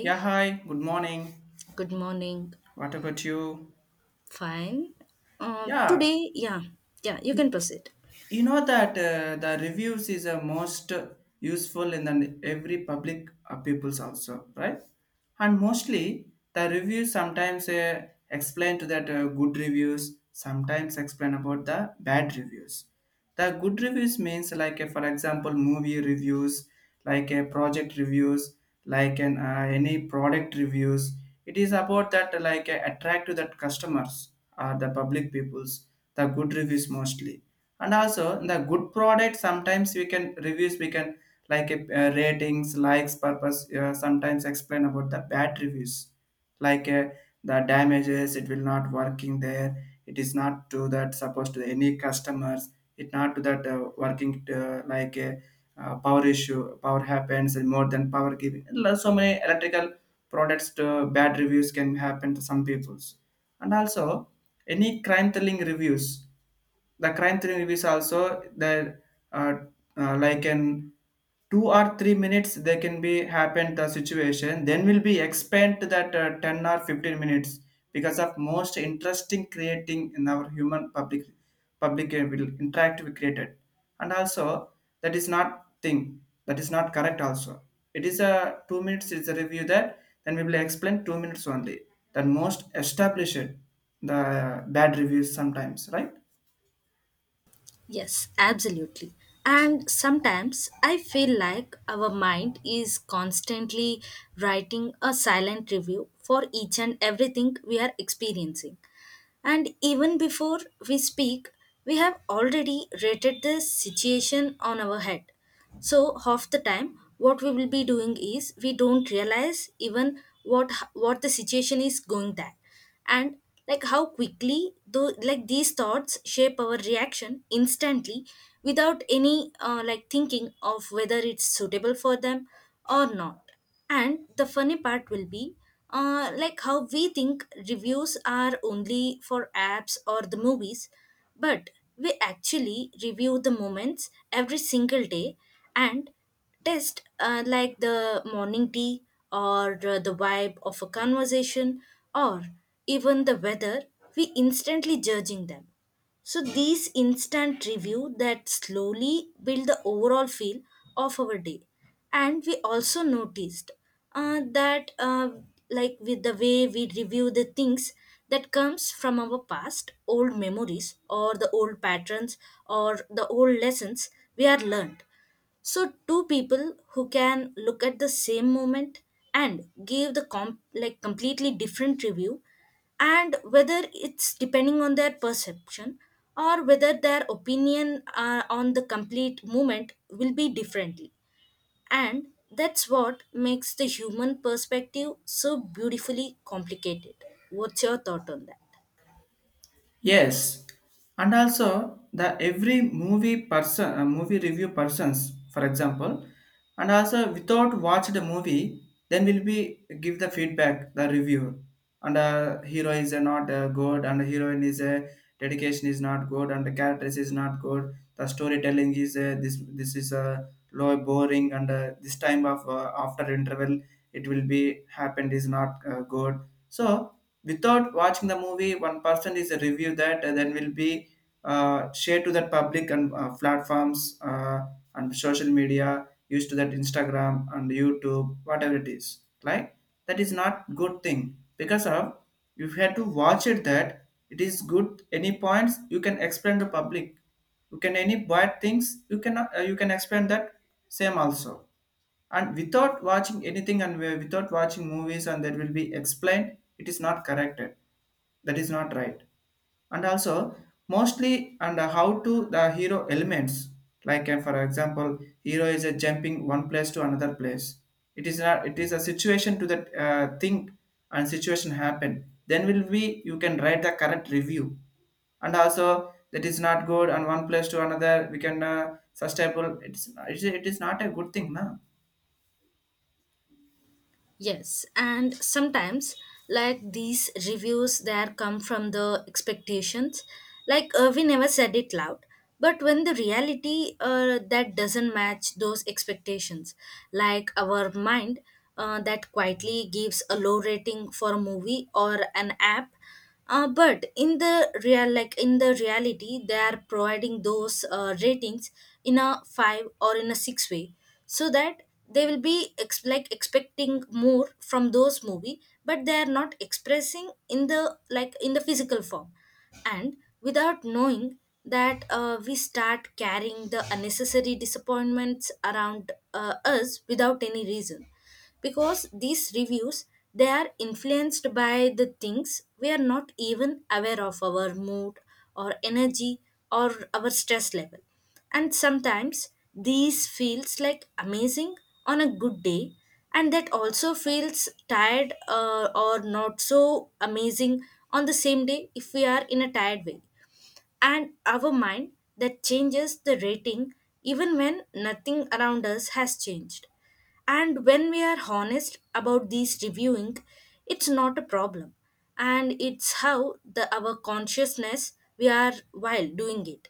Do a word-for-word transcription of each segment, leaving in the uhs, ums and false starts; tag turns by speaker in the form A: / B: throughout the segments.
A: Yeah, hi, good morning.
B: good morning.
A: What about you?
B: Fine. Um,
A: Yeah,
B: today, yeah, yeah, you can proceed.
A: you know that uh, the reviews is a most useful in the, every public uh, people's also right, and mostly the reviews sometimes uh, explain to that uh, good reviews sometimes explain about the bad reviews. The good reviews means like uh, for example movie reviews, like a project reviews, like an uh, any product reviews. It is about that uh, like uh, attract to that customers, uh, the public peoples, the good reviews mostly. And also the good product sometimes we can reviews we can like uh, ratings likes purpose, uh, sometimes explain about the bad reviews like uh, the damages, it will not working there, it is not to that supposed to any customers. It not to that uh, working uh, like a uh, power issue, power happens, and more than power giving Lo- so many electrical products to bad reviews can happen to some peoples. And also any crime thrilling reviews, the crime thrill movies also the uh, uh, like in two or three minutes they can be happen the situation, then will be expand to that uh, ten or fifteen minutes because of most interesting creating in our human public public uh, will interact we created. And also that is not thing, that is not correct also. It is a two minutes is a review that, then we will explain two minutes only, that most established the bad reviews sometimes, right?
B: Yes, absolutely. And sometimes I feel like our mind is constantly writing a silent review for each and everything we are experiencing. And even before we speak, we have already rated the situation on our head. So half the time, what we will be doing is we don't realize even what what the situation is going there, and like how quickly though like these thoughts shape our reaction instantly without any uh, like thinking of whether it's suitable for them or not, and the funny part will be uh, like how we think reviews are only for apps or the movies, but we actually review the moments every single day and test uh, like the morning tea or uh, the vibe of a conversation or even the weather, we instantly judging them. So these instant review that slowly build the overall feel of our day. And we also noticed uh, that uh, like with the way we review the things that comes from our past, old memories or the old patterns or the old lessons we are learned. So, two people who can look at the same moment and give the com- like completely different review, and whether it's depending on their perception or whether their opinion uh, on the complete movement will be differently. And that's what makes the human perspective so beautifully complicated. What's your thought on that?
A: Yes, and also the every movie person, uh, movie review persons, for example, and also without watch the movie, then will be give the feedback, the review, and uh, hero is uh, not uh, good, and heroine is uh, dedication is not good, and the characters is not good, the storytelling is uh, this this is uh, low boring, and uh, this time of uh, after interval it will be happened is not uh, good. So without watching the movie one person is a review that and then will be uh, shared to the public and uh, platforms uh, and social media used to that Instagram and YouTube whatever it is like, that is not good thing because of you had to watch it that it is good, any points you can explain to public, you can any bad things you can uh, you can explain that same also. And without watching anything and we- without watching movies and that will be explained, it is not corrected, that is not right. And also mostly and how to the hero elements like uh, for example hero is a jumping one place to another place, it is not it is a situation to that uh, thing and situation happen then will be you can write the correct review. And also that is not good and one place to another we can uh, sustainable, it's it is, it is not a good thing na.
B: Yes, and sometimes like these reviews that come from the expectations, like uh, we never said it loud, but when the reality uh, that doesn't match those expectations, like our mind uh, that quietly gives a low rating for a movie or an app, uh, but in the real like in the reality they are providing those uh, ratings in a five or in a six way, so that they will be ex- like expecting more from those movie but they are not expressing in the like in the physical form, and without knowing that uh, we start carrying the unnecessary disappointments around uh, us without any reason, because these reviews they are influenced by the things we are not even aware of, our mood or energy or our stress level. And sometimes these feels like amazing on a good day, and that also feels tired uh, or not so amazing on the same day if we are in a tired way, and our mind that changes the rating even when nothing around us has changed. And when we are honest about these reviewing, it's not a problem. And it's how the our consciousness we are while doing it.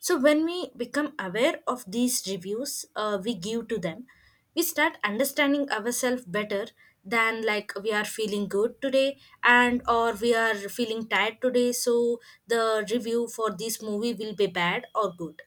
B: So when we become aware of these reviews uh, we give to them, we start understanding ourselves better than like we are feeling good today and or we are feeling tired today, so the review for this movie will be bad or good,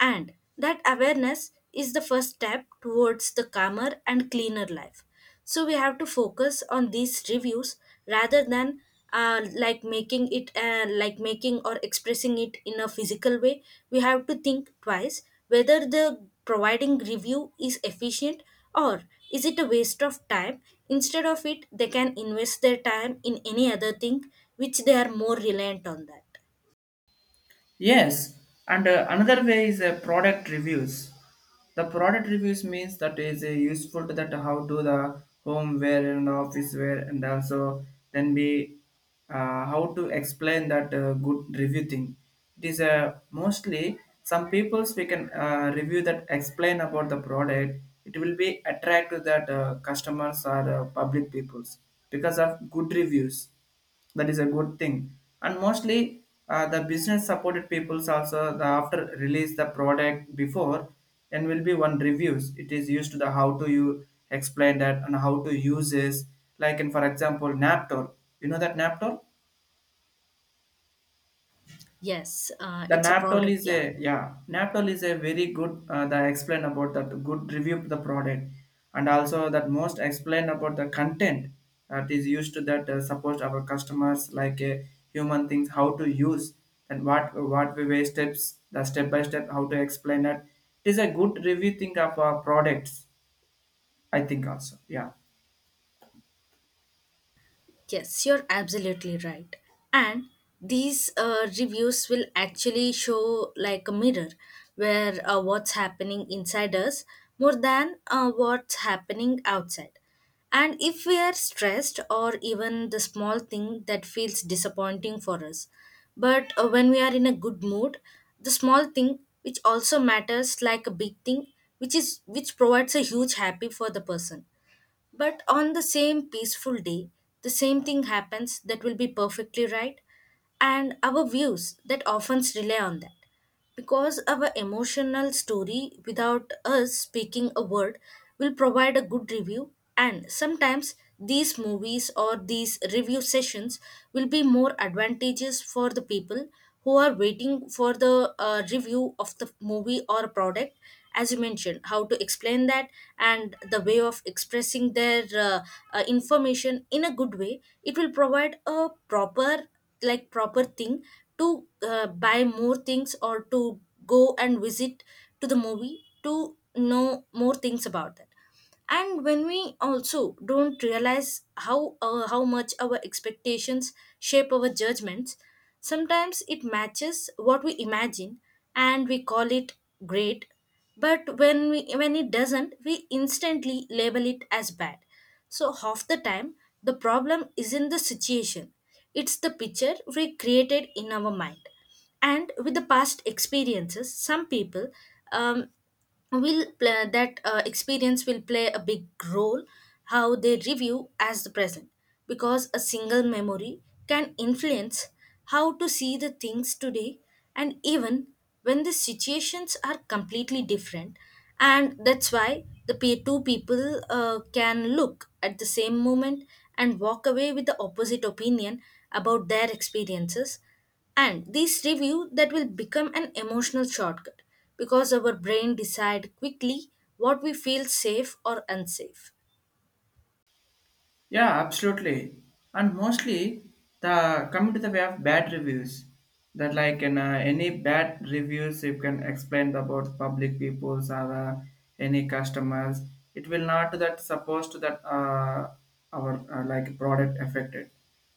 B: and that awareness is the first step towards the calmer and cleaner life. So we have to focus on these reviews rather than uh, like making it uh, like making or expressing it in a physical way. We have to think twice whether the providing review is efficient, or is it a waste of time. Instead of it, they can invest their time in any other thing which they are more reliant on that.
A: Yes, and uh, another way is uh, product reviews. The product reviews means that is uh, useful to that how to the home wear and office wear and also then be uh, how to explain that uh, good review thing. It is uh, mostly some people's we can uh, review that explain about the product. It will be attract to that uh, customers or uh, public peoples because of good reviews, that is a good thing. And mostly uh, the business supported peoples also the after release the product before and will be one reviews it is used to the how to you explain that and how to use this, like in for example naptor, you know that naptor.
B: Yes, uh,
A: The
B: it's a
A: Naptol
B: product.
A: is
B: Yeah.
A: a, yeah, Naptol is a very good. Uh, the explain about that good review the product, and also that most explain about the content that is used to that uh, support our customers like a human things how to use and what what we way steps, the step by step how to explain that. It is a good review thing of our products. I think also, yeah.
B: Yes, you're absolutely right. And these uh, reviews will actually show like a mirror where uh, what's happening inside us more than uh, what's happening outside. And if we are stressed or even the small thing that feels disappointing for us, but uh, when we are in a good mood, the small thing which also matters like a big thing which is which provides a huge happy for the person, but on the same peaceful day, the same thing happens that will be perfectly right, and our views that often rely on that. Because our emotional story, without us speaking a word, will provide a good review, and sometimes these movies or these review sessions will be more advantageous for the people who are waiting for the uh, review of the movie or product, as you mentioned how to explain that, and the way of expressing their uh, uh, information in a good way it will provide a proper like proper thing to uh, buy more things or to go and visit to the movie to know more things about that. And when we also don't realize how uh, how much our expectations shape our judgments, sometimes it matches what we imagine and we call it great, but when we when it doesn't, we instantly label it as bad. So half the time the problem isn't the situation, it's the picture we created in our mind. And with the past experiences some people um, will play, that uh, experience will play a big role how they review as the present, because a single memory can influence how to see the things today, and even when the situations are completely different. And that's why the pe- two people uh, can look at the same moment and walk away with the opposite opinion about their experiences, and this review that will become an emotional shortcut because our brain decide quickly what we feel safe or unsafe.
A: Yeah, absolutely. And mostly the coming to the way of bad reviews. That like in uh, any bad reviews, you can explain about public peoples or uh, any customers. It will not that supposed to that uh, our uh, like product affected,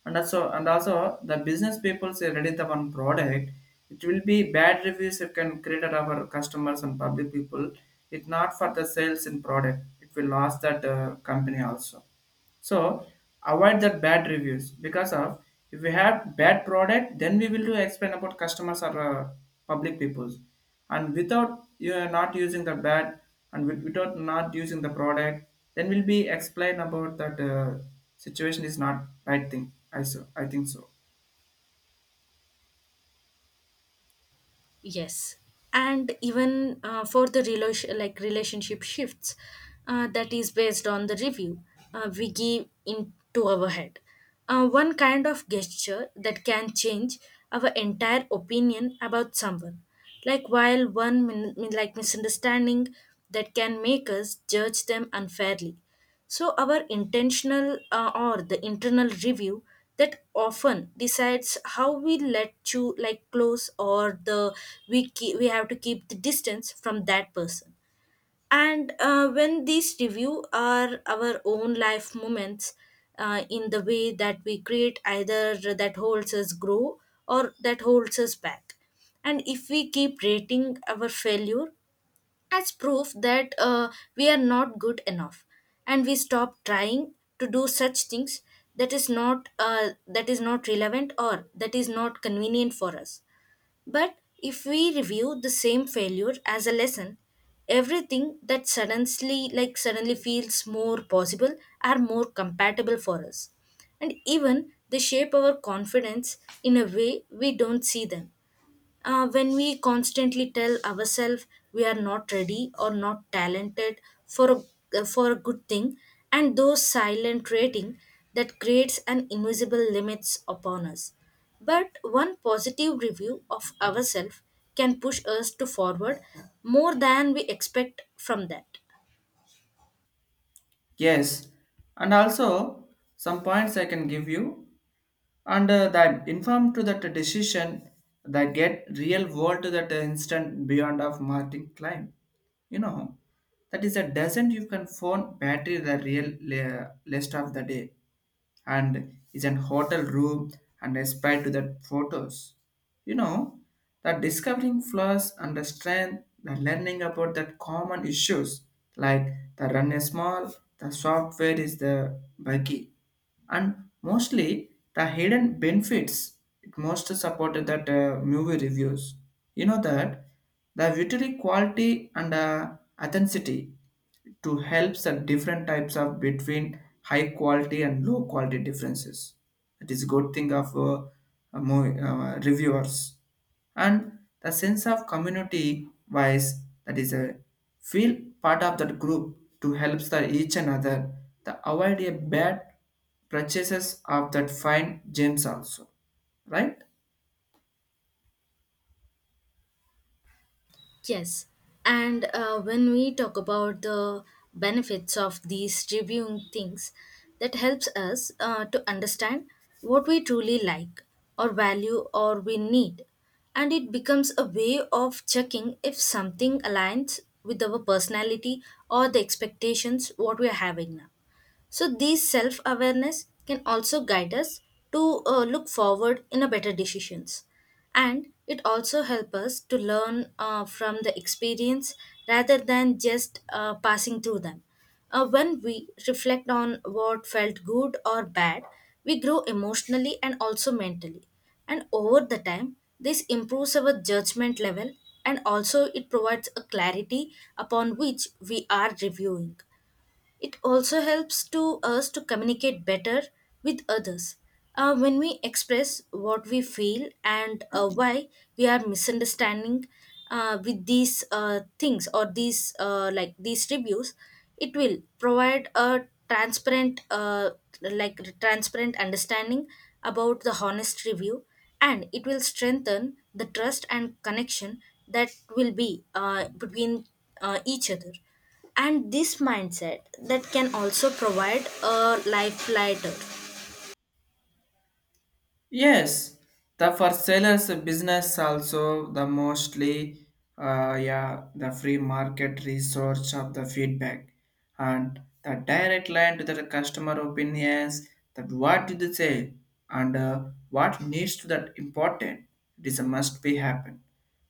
A: and also and also the business people say ready the one product. It will be bad reviews you can create at our customers and public people. It not for the sales in product. It will lose that uh, company also, so avoid that bad reviews because of if we have bad product, then we will do explain about customers or uh, public peoples, and without you are not using the bad and with- without not using the product, then will be explain about that uh, situation is not right thing. I so I think so.
B: Yes, and even uh, for the relation like relationship shifts, uh, that is based on the review uh, we give into our head. Uh, one kind of gesture that can change our entire opinion about someone. Like while one min- min- like misunderstanding that can make us judge them unfairly. So, our intentional uh, or the internal review that often decides how we let you like close, or the we keep, we have to keep the distance from that person. And uh, when these review are our own life moments, uh, in the way that we create either that holds us grow or that holds us back. And if we keep rating our failure as proof that uh, we are not good enough and we stop trying to do such things that is not uh, that is not relevant or that is not convenient for us, but if we review the same failure as a lesson, everything that suddenly like suddenly feels more possible are more compatible for us, and even they shape our confidence in a way we don't see them, uh, when we constantly tell ourselves we are not ready or not talented for a, uh, for a good thing, and those silent rating that creates an invisible limits upon us. But one positive review of ourselves can push us to forward more than we expect from that.
A: Yes, and also some points I can give you. And uh, that informed to that decision that get real world to that instant beyond of martin climb, you know, that is a doesn't you can phone battery the real la- list of the day and is an hotel room and aspired to the photos. You know, that discovering flaws and the strength, the learning about that common issues like the run is small, the software is the buggy, and mostly the hidden benefits. It most supported that uh, movie reviews. You know that the visual quality and uh, authenticity to help the different types of between high quality and low quality differences. It is a good thing of uh, a mo- uh, reviewers and the sense of community wise that is a feel part of that group to help the each another to avoid a bad purchases of that fine gems also, right?
B: Yes, and uh, when we talk about the benefits of these reviewing things, that helps us uh, to understand what we truly like or value or we need. And it becomes a way of checking if something aligns with our personality or the expectations what we are having now. So, these self awareness can also guide us to uh, look forward in a better decisions. And it also helps us to learn uh, from the experience rather than just uh, passing through them. Uh, when we reflect on what felt good or bad, we grow emotionally and also mentally. And over the time, this improves our judgment level and also it provides a clarity upon which we are reviewing. It also helps to us to communicate better with others. Uh, when we express what we feel and uh, why we are misunderstanding uh, with these uh, things or these uh, like these reviews, it will provide a transparent uh, like transparent understanding about the honest review, and it will strengthen the trust and connection that will be uh, between uh, each other, and this mindset that can also provide a life lighter.
A: Yes, the for sellers business also the mostly uh, yeah the free market research of the feedback and the direct line to the customer opinions that what did they say and uh, what needs to that important, it is a must be happen.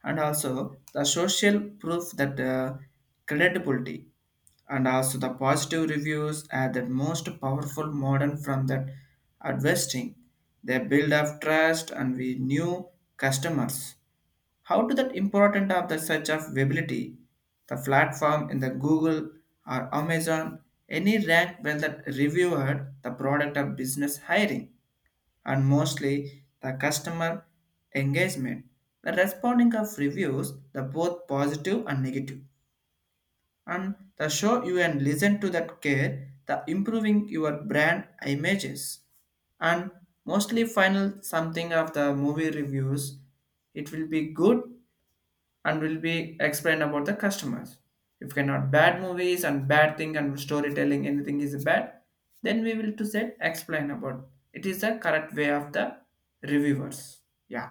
A: And also the social proof that uh, credibility, and also the positive reviews are the most powerful model from that investing. They build up trust and we new customers. How to that important of the search of ability, the platform in the Google or Amazon, any rank when that reviewer the product of business hiring. And mostly the customer engagement, the responding of reviews, the both positive and negative and the show you and listen to that care the improving your brand images. And mostly final something of the movie reviews, it will be good and will be explained about the customers if cannot bad movies and bad thing and storytelling anything is bad, then we will to set explain about it is the correct way of the reviewers, yeah.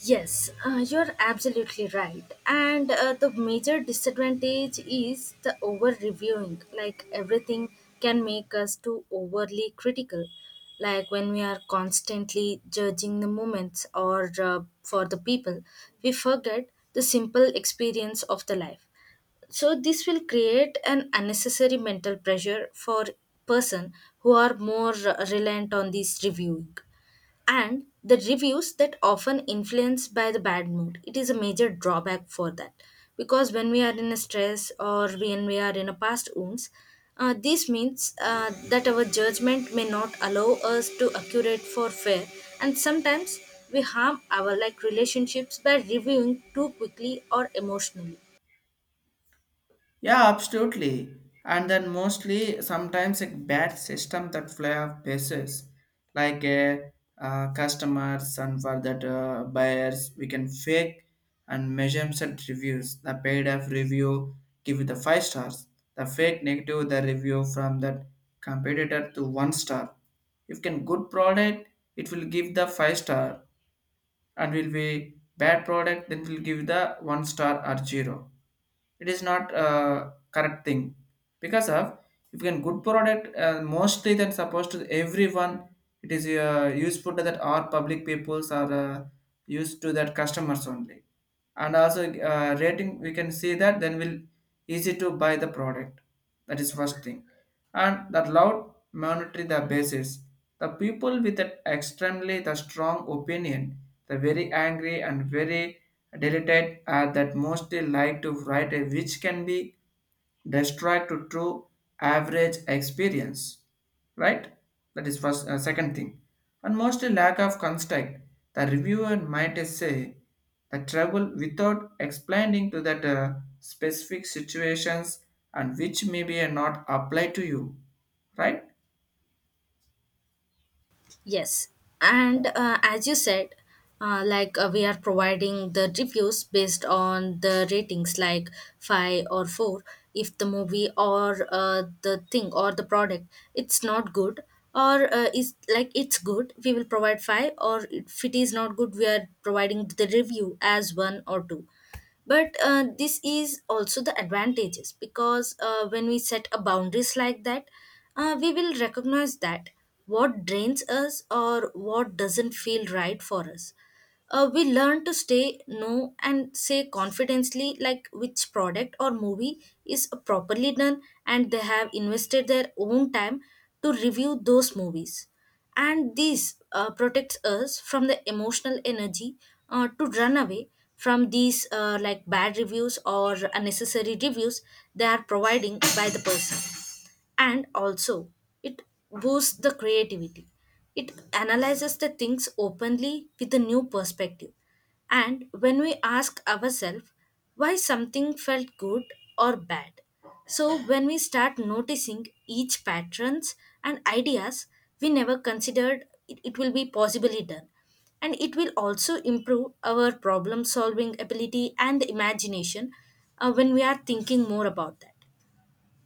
B: Yes, uh, you're absolutely right. And uh, the major disadvantage is the over reviewing. Like everything can make us too overly critical. Like when we are constantly judging the moments or uh, for the people, we forget the simple experience of the life. So this will create an unnecessary mental pressure for person who are more uh, reliant on this reviewing, and the reviews that often influenced by the bad mood it is a major drawback for that, because when we are in a stress or when we are in a past wounds, uh, this means uh, that our judgment may not allow us to accurate for fair. And sometimes we harm our like relationships by reviewing too quickly or emotionally.
A: Yeah, absolutely. And then mostly sometimes a bad system that fly off bases, like a uh, uh, customers and for that uh, buyers, we can fake and measure set reviews. The paid off review give it the five stars. The fake negative the review from that competitor to one star. If can good product, it will give the five star, and will be bad product, then will give the one star or zero, it is not a correct thing because of if you can good product uh, mostly then supposed to everyone, it is uh, useful to that our public peoples are uh, used to that customers only. And also uh, rating we can see that then will easy to buy the product, that is first thing. And the loud monetary the basis, the people with an extremely the strong opinion, the very angry and very delicate are that mostly like to write a which can be destroyed to true average experience, right? That is first uh, second thing. And mostly lack of context, the reviewer might say the travel without explaining to that uh, specific situations and which may be not apply to you, right?
B: Yes, and uh, as you said, uh, like uh, we are providing the reviews based on the ratings, like five or four. If the movie or uh, the thing or the product it's not good, or uh, is like it's good, we will provide five. Or if it is not good, we are providing the review as one or two, but uh, this is also the advantages because uh, when we set a boundaries like that, uh, we will recognize that what drains us or what doesn't feel right for us. Uh, we learn to stay no and say confidently like which product or movie is properly done, and they have invested their own time to review those movies, and this uh, protects us from the emotional energy uh, to run away from these uh, like bad reviews or unnecessary reviews they are providing by the person. And also, it boosts the creativity. It analyzes the things openly with a new perspective, and when we ask ourselves why something felt good or bad. So when we start noticing each patterns and ideas we never considered it, it will be possibly done, and it will also improve our problem solving ability and imagination. Uh, when we are thinking more about that,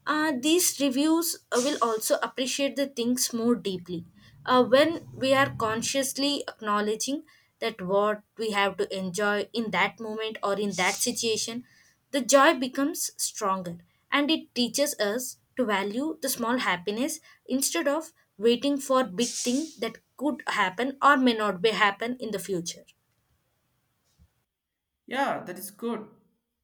B: uh, these reviews uh, will also appreciate the things more deeply. Uh, when we are consciously acknowledging that what we have to enjoy in that moment or in that situation, the joy becomes stronger, and it teaches us to value the small happiness instead of waiting for big thing that could happen or may not be happen in the future.
A: Yeah, that is good.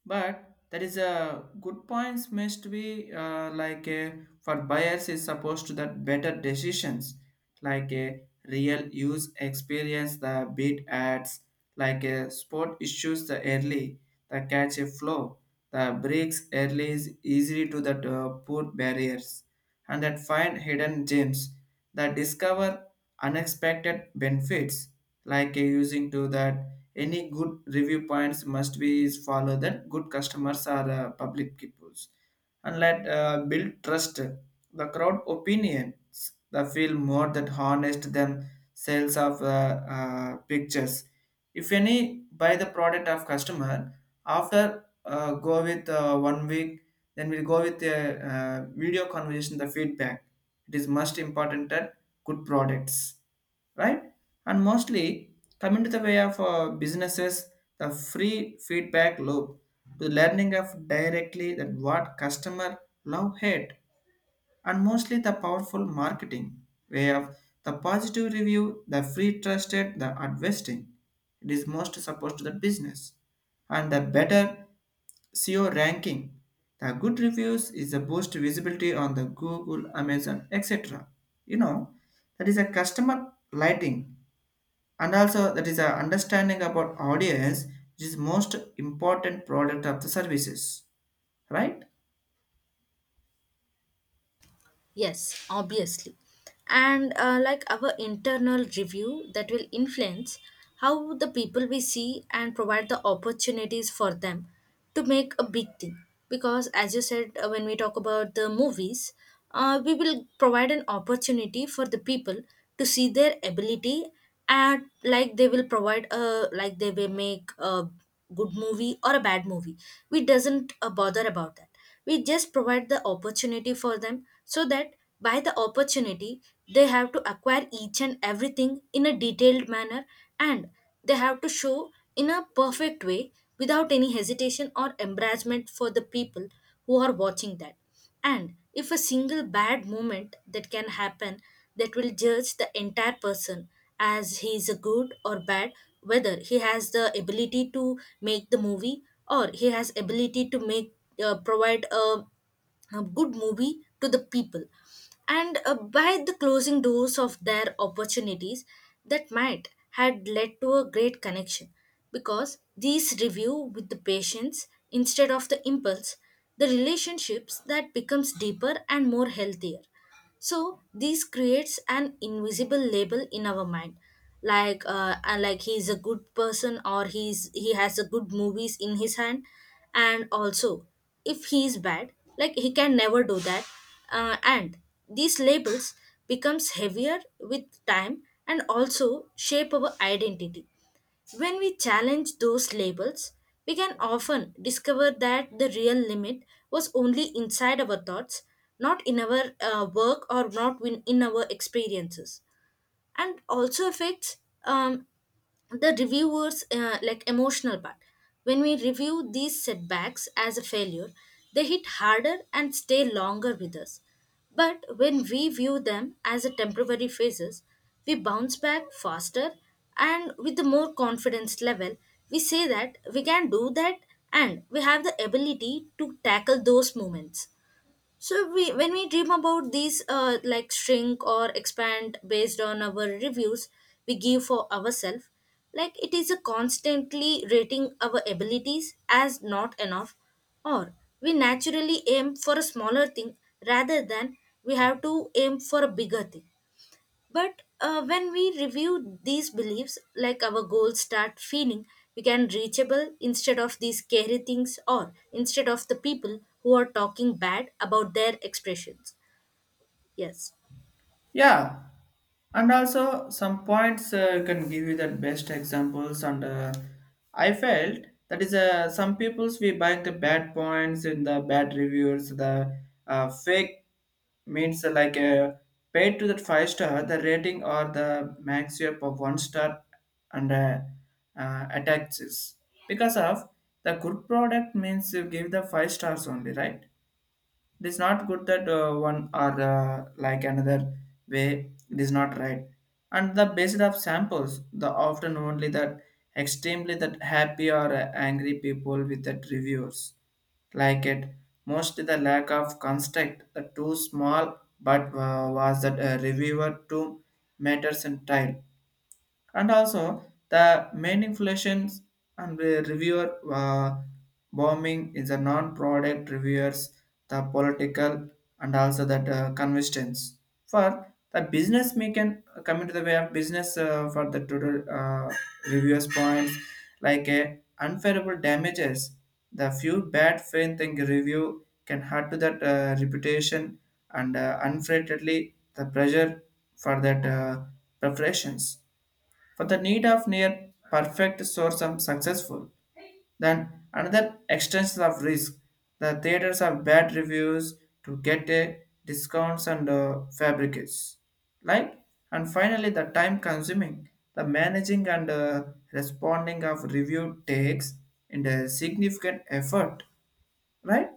A: But that is a good points must be uh, like a, for buyers is supposed to that better decisions, like a real use experience the bid ads, like a sport issues the early, the catch a flow, the breaks early is easy to that uh, poor barriers, and that find hidden gems, that discover unexpected benefits like uh, using to that any good review points must be is follow that good customers are uh, public peoples, and let uh, build trust, the crowd opinions the feel more that honest than sales of uh, uh, pictures. If any buy the product of customer after uh, go with uh, one week, then we'll go with the uh, video conversation the feedback, it is most important that good products, right? And mostly coming to the way of uh, businesses, the free feedback loop, the learning of directly that what customer love hate, and mostly the powerful marketing way of the positive review, the free trusted, the investing. It is most supposed to the business and the better S E O ranking. The good reviews is a boost visibility on the Google, Amazon, et cetera. You know, that is a customer lighting, and also that is a understanding about audience which is most important product of the services, right?
B: Yes, obviously. And uh, like our internal review that will influence how the people we see and provide the opportunities for them to make a big thing. Because as you said, uh, when we talk about the movies, uh, we will provide an opportunity for the people to see their ability, and like they will provide a like they will make a good movie or a bad movie. We doesn't uh, bother about that. We just provide the opportunity for them so that by the opportunity, they have to acquire each and everything in a detailed manner, and they have to show in a perfect way without any hesitation or embarrassment for the people who are watching that. And if a single bad moment that can happen, that will judge the entire person as he is a good or bad, whether he has the ability to make the movie or he has ability to make uh, provide a a good movie to the people, and uh, by the closing doors of their opportunities that might had led to a great connection, because these review with the patience instead of the impulse, the relationships that becomes deeper and more healthier. So this creates an invisible label in our mind, like uh, uh, like he's a good person or he's he has a good movies in his hand, and also if he is bad, like he can never do that, uh, and these labels becomes heavier with time and also shape our identity. When we challenge those labels, we can often discover that the real limit was only inside our thoughts, not in our uh, work or not in in our experiences, and also affects um, the reviewers uh, like emotional part. When we review these setbacks as a failure, they hit harder and stay longer with us. But when we view them as a temporary phases, we bounce back faster, and with a more confidence level we say that we can do that, and we have the ability to tackle those moments. So we, when we dream about these, uh, like shrink or expand based on our reviews we give for ourselves, like it is a constantly rating our abilities as not enough, or we naturally aim for a smaller thing rather than we have to aim for a bigger thing. But uh, when we review these beliefs, like our goals start feeling we can reachable instead of these scary things or instead of the people who are talking bad about their expressions. Yes.
A: Yeah, and also some points uh, can give you the best examples. And uh, I felt that is uh, some people's we buy the bad points in the bad reviews. The uh, fake means uh, like uh, paid to that five star the rating or the max up of one star and uh, uh, attacks is. Because of the good product means you give the five stars only, right? It is not good that uh, one or uh, like another way it is not right. And the basis of samples the often only that extremely that happy or uh, angry people with that reviews like it, most the lack of construct the too small but uh, was that a reviewer too matters and tile. And also the manipulations and the reviewer uh, bombing is a non-product reviewers, the political, and also that uh, convictions for the business making, uh, coming to the way of business uh, for the total uh, reviewers points like uh, unfavorable damages, the few bad faith thing review can hurt to that uh, reputation. And uh, unfreighted the pressure for that uh, preparations for the need of near perfect source of successful, then another extension of risk. The theaters have bad reviews to get a discounts and uh, fabricates, like. And finally the time consuming, the managing and uh, responding of review takes and a significant effort, right?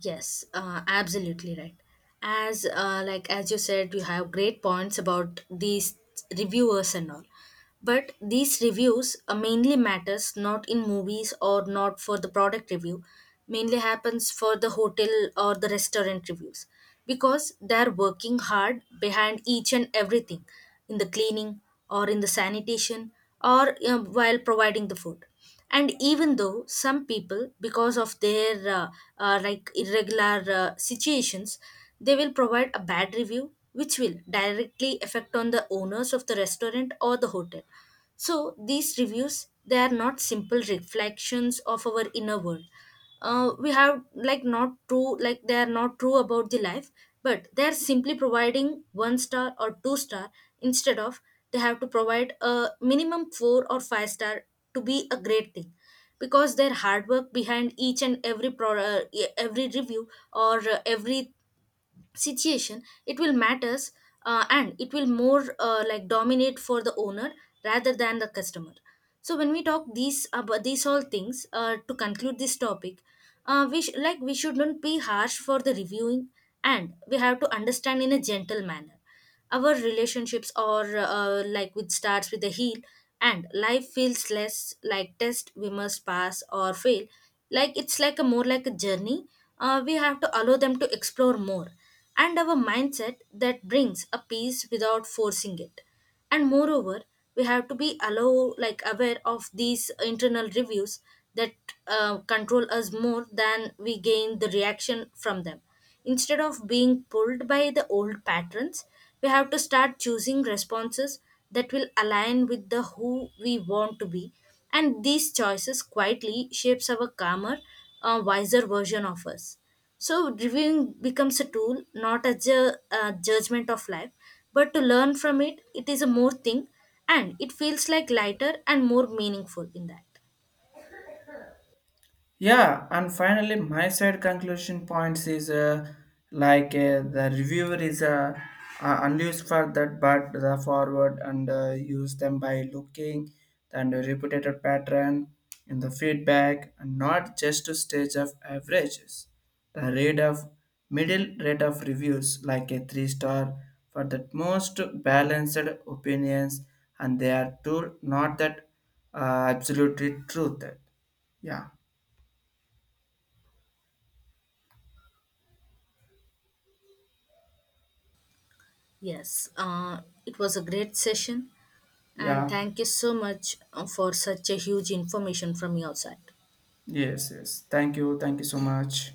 B: Yes, uh, absolutely right. As uh, like as you said, you have great points about these reviewers and all. But these reviews uh, mainly matters not in movies or not for the product review. Mainly happens for the hotel or the restaurant reviews, because they're working hard behind each and everything in the cleaning or in the sanitation or uh, while providing the food. And even though some people because of their uh, uh, like irregular uh, situations, they will provide a bad review which will directly affect on the owners of the restaurant or the hotel. So these reviews they are not simple reflections of our inner world. Uh, we have like not true like they are not true about the life, but they are simply providing one star or two star instead of they have to provide a minimum four or five star to be a great thing, because their hard work behind each and every pro- uh, e- every review or uh, every situation it will matters, uh, and it will more uh, like dominate for the owner rather than the customer. So when we talk these about these all things, uh, to conclude this topic, uh, we sh- like we should not be harsh for the reviewing, and we have to understand in a gentle manner. Our relationships are uh, like with starts with a heel, and life feels less like test we must pass or fail. Like it's like a more like a journey. Uh, we have to allow them to explore more, and our mindset that brings a peace without forcing it. And moreover, we have to be allow like aware of these internal reviews that uh, control us more than we gain the reaction from them. Instead of being pulled by the old patterns, we have to start choosing responses that will align with the who we want to be, and these choices quietly shapes our calmer uh, wiser version of us. So reviewing becomes a tool, not a ju- uh, judgment of life, but to learn from it, it is a more thing, and it feels like lighter and more meaningful in that.
A: Yeah, and finally, my side conclusion points is uh, like uh, the reviewer is uh, uh, unused for that, but the forward and uh, use them by looking and a repeated pattern in the feedback and not just to stage of averages. The rate of middle rate of reviews like a three star for the most balanced opinions, and they are true, not that uh, absolutely truth. Yeah.
B: Yes, uh, it was a great session, and
A: Yeah.
B: thank you so much uh, for such a huge information from your side.
A: Yes, yes. Thank you. Thank you so much.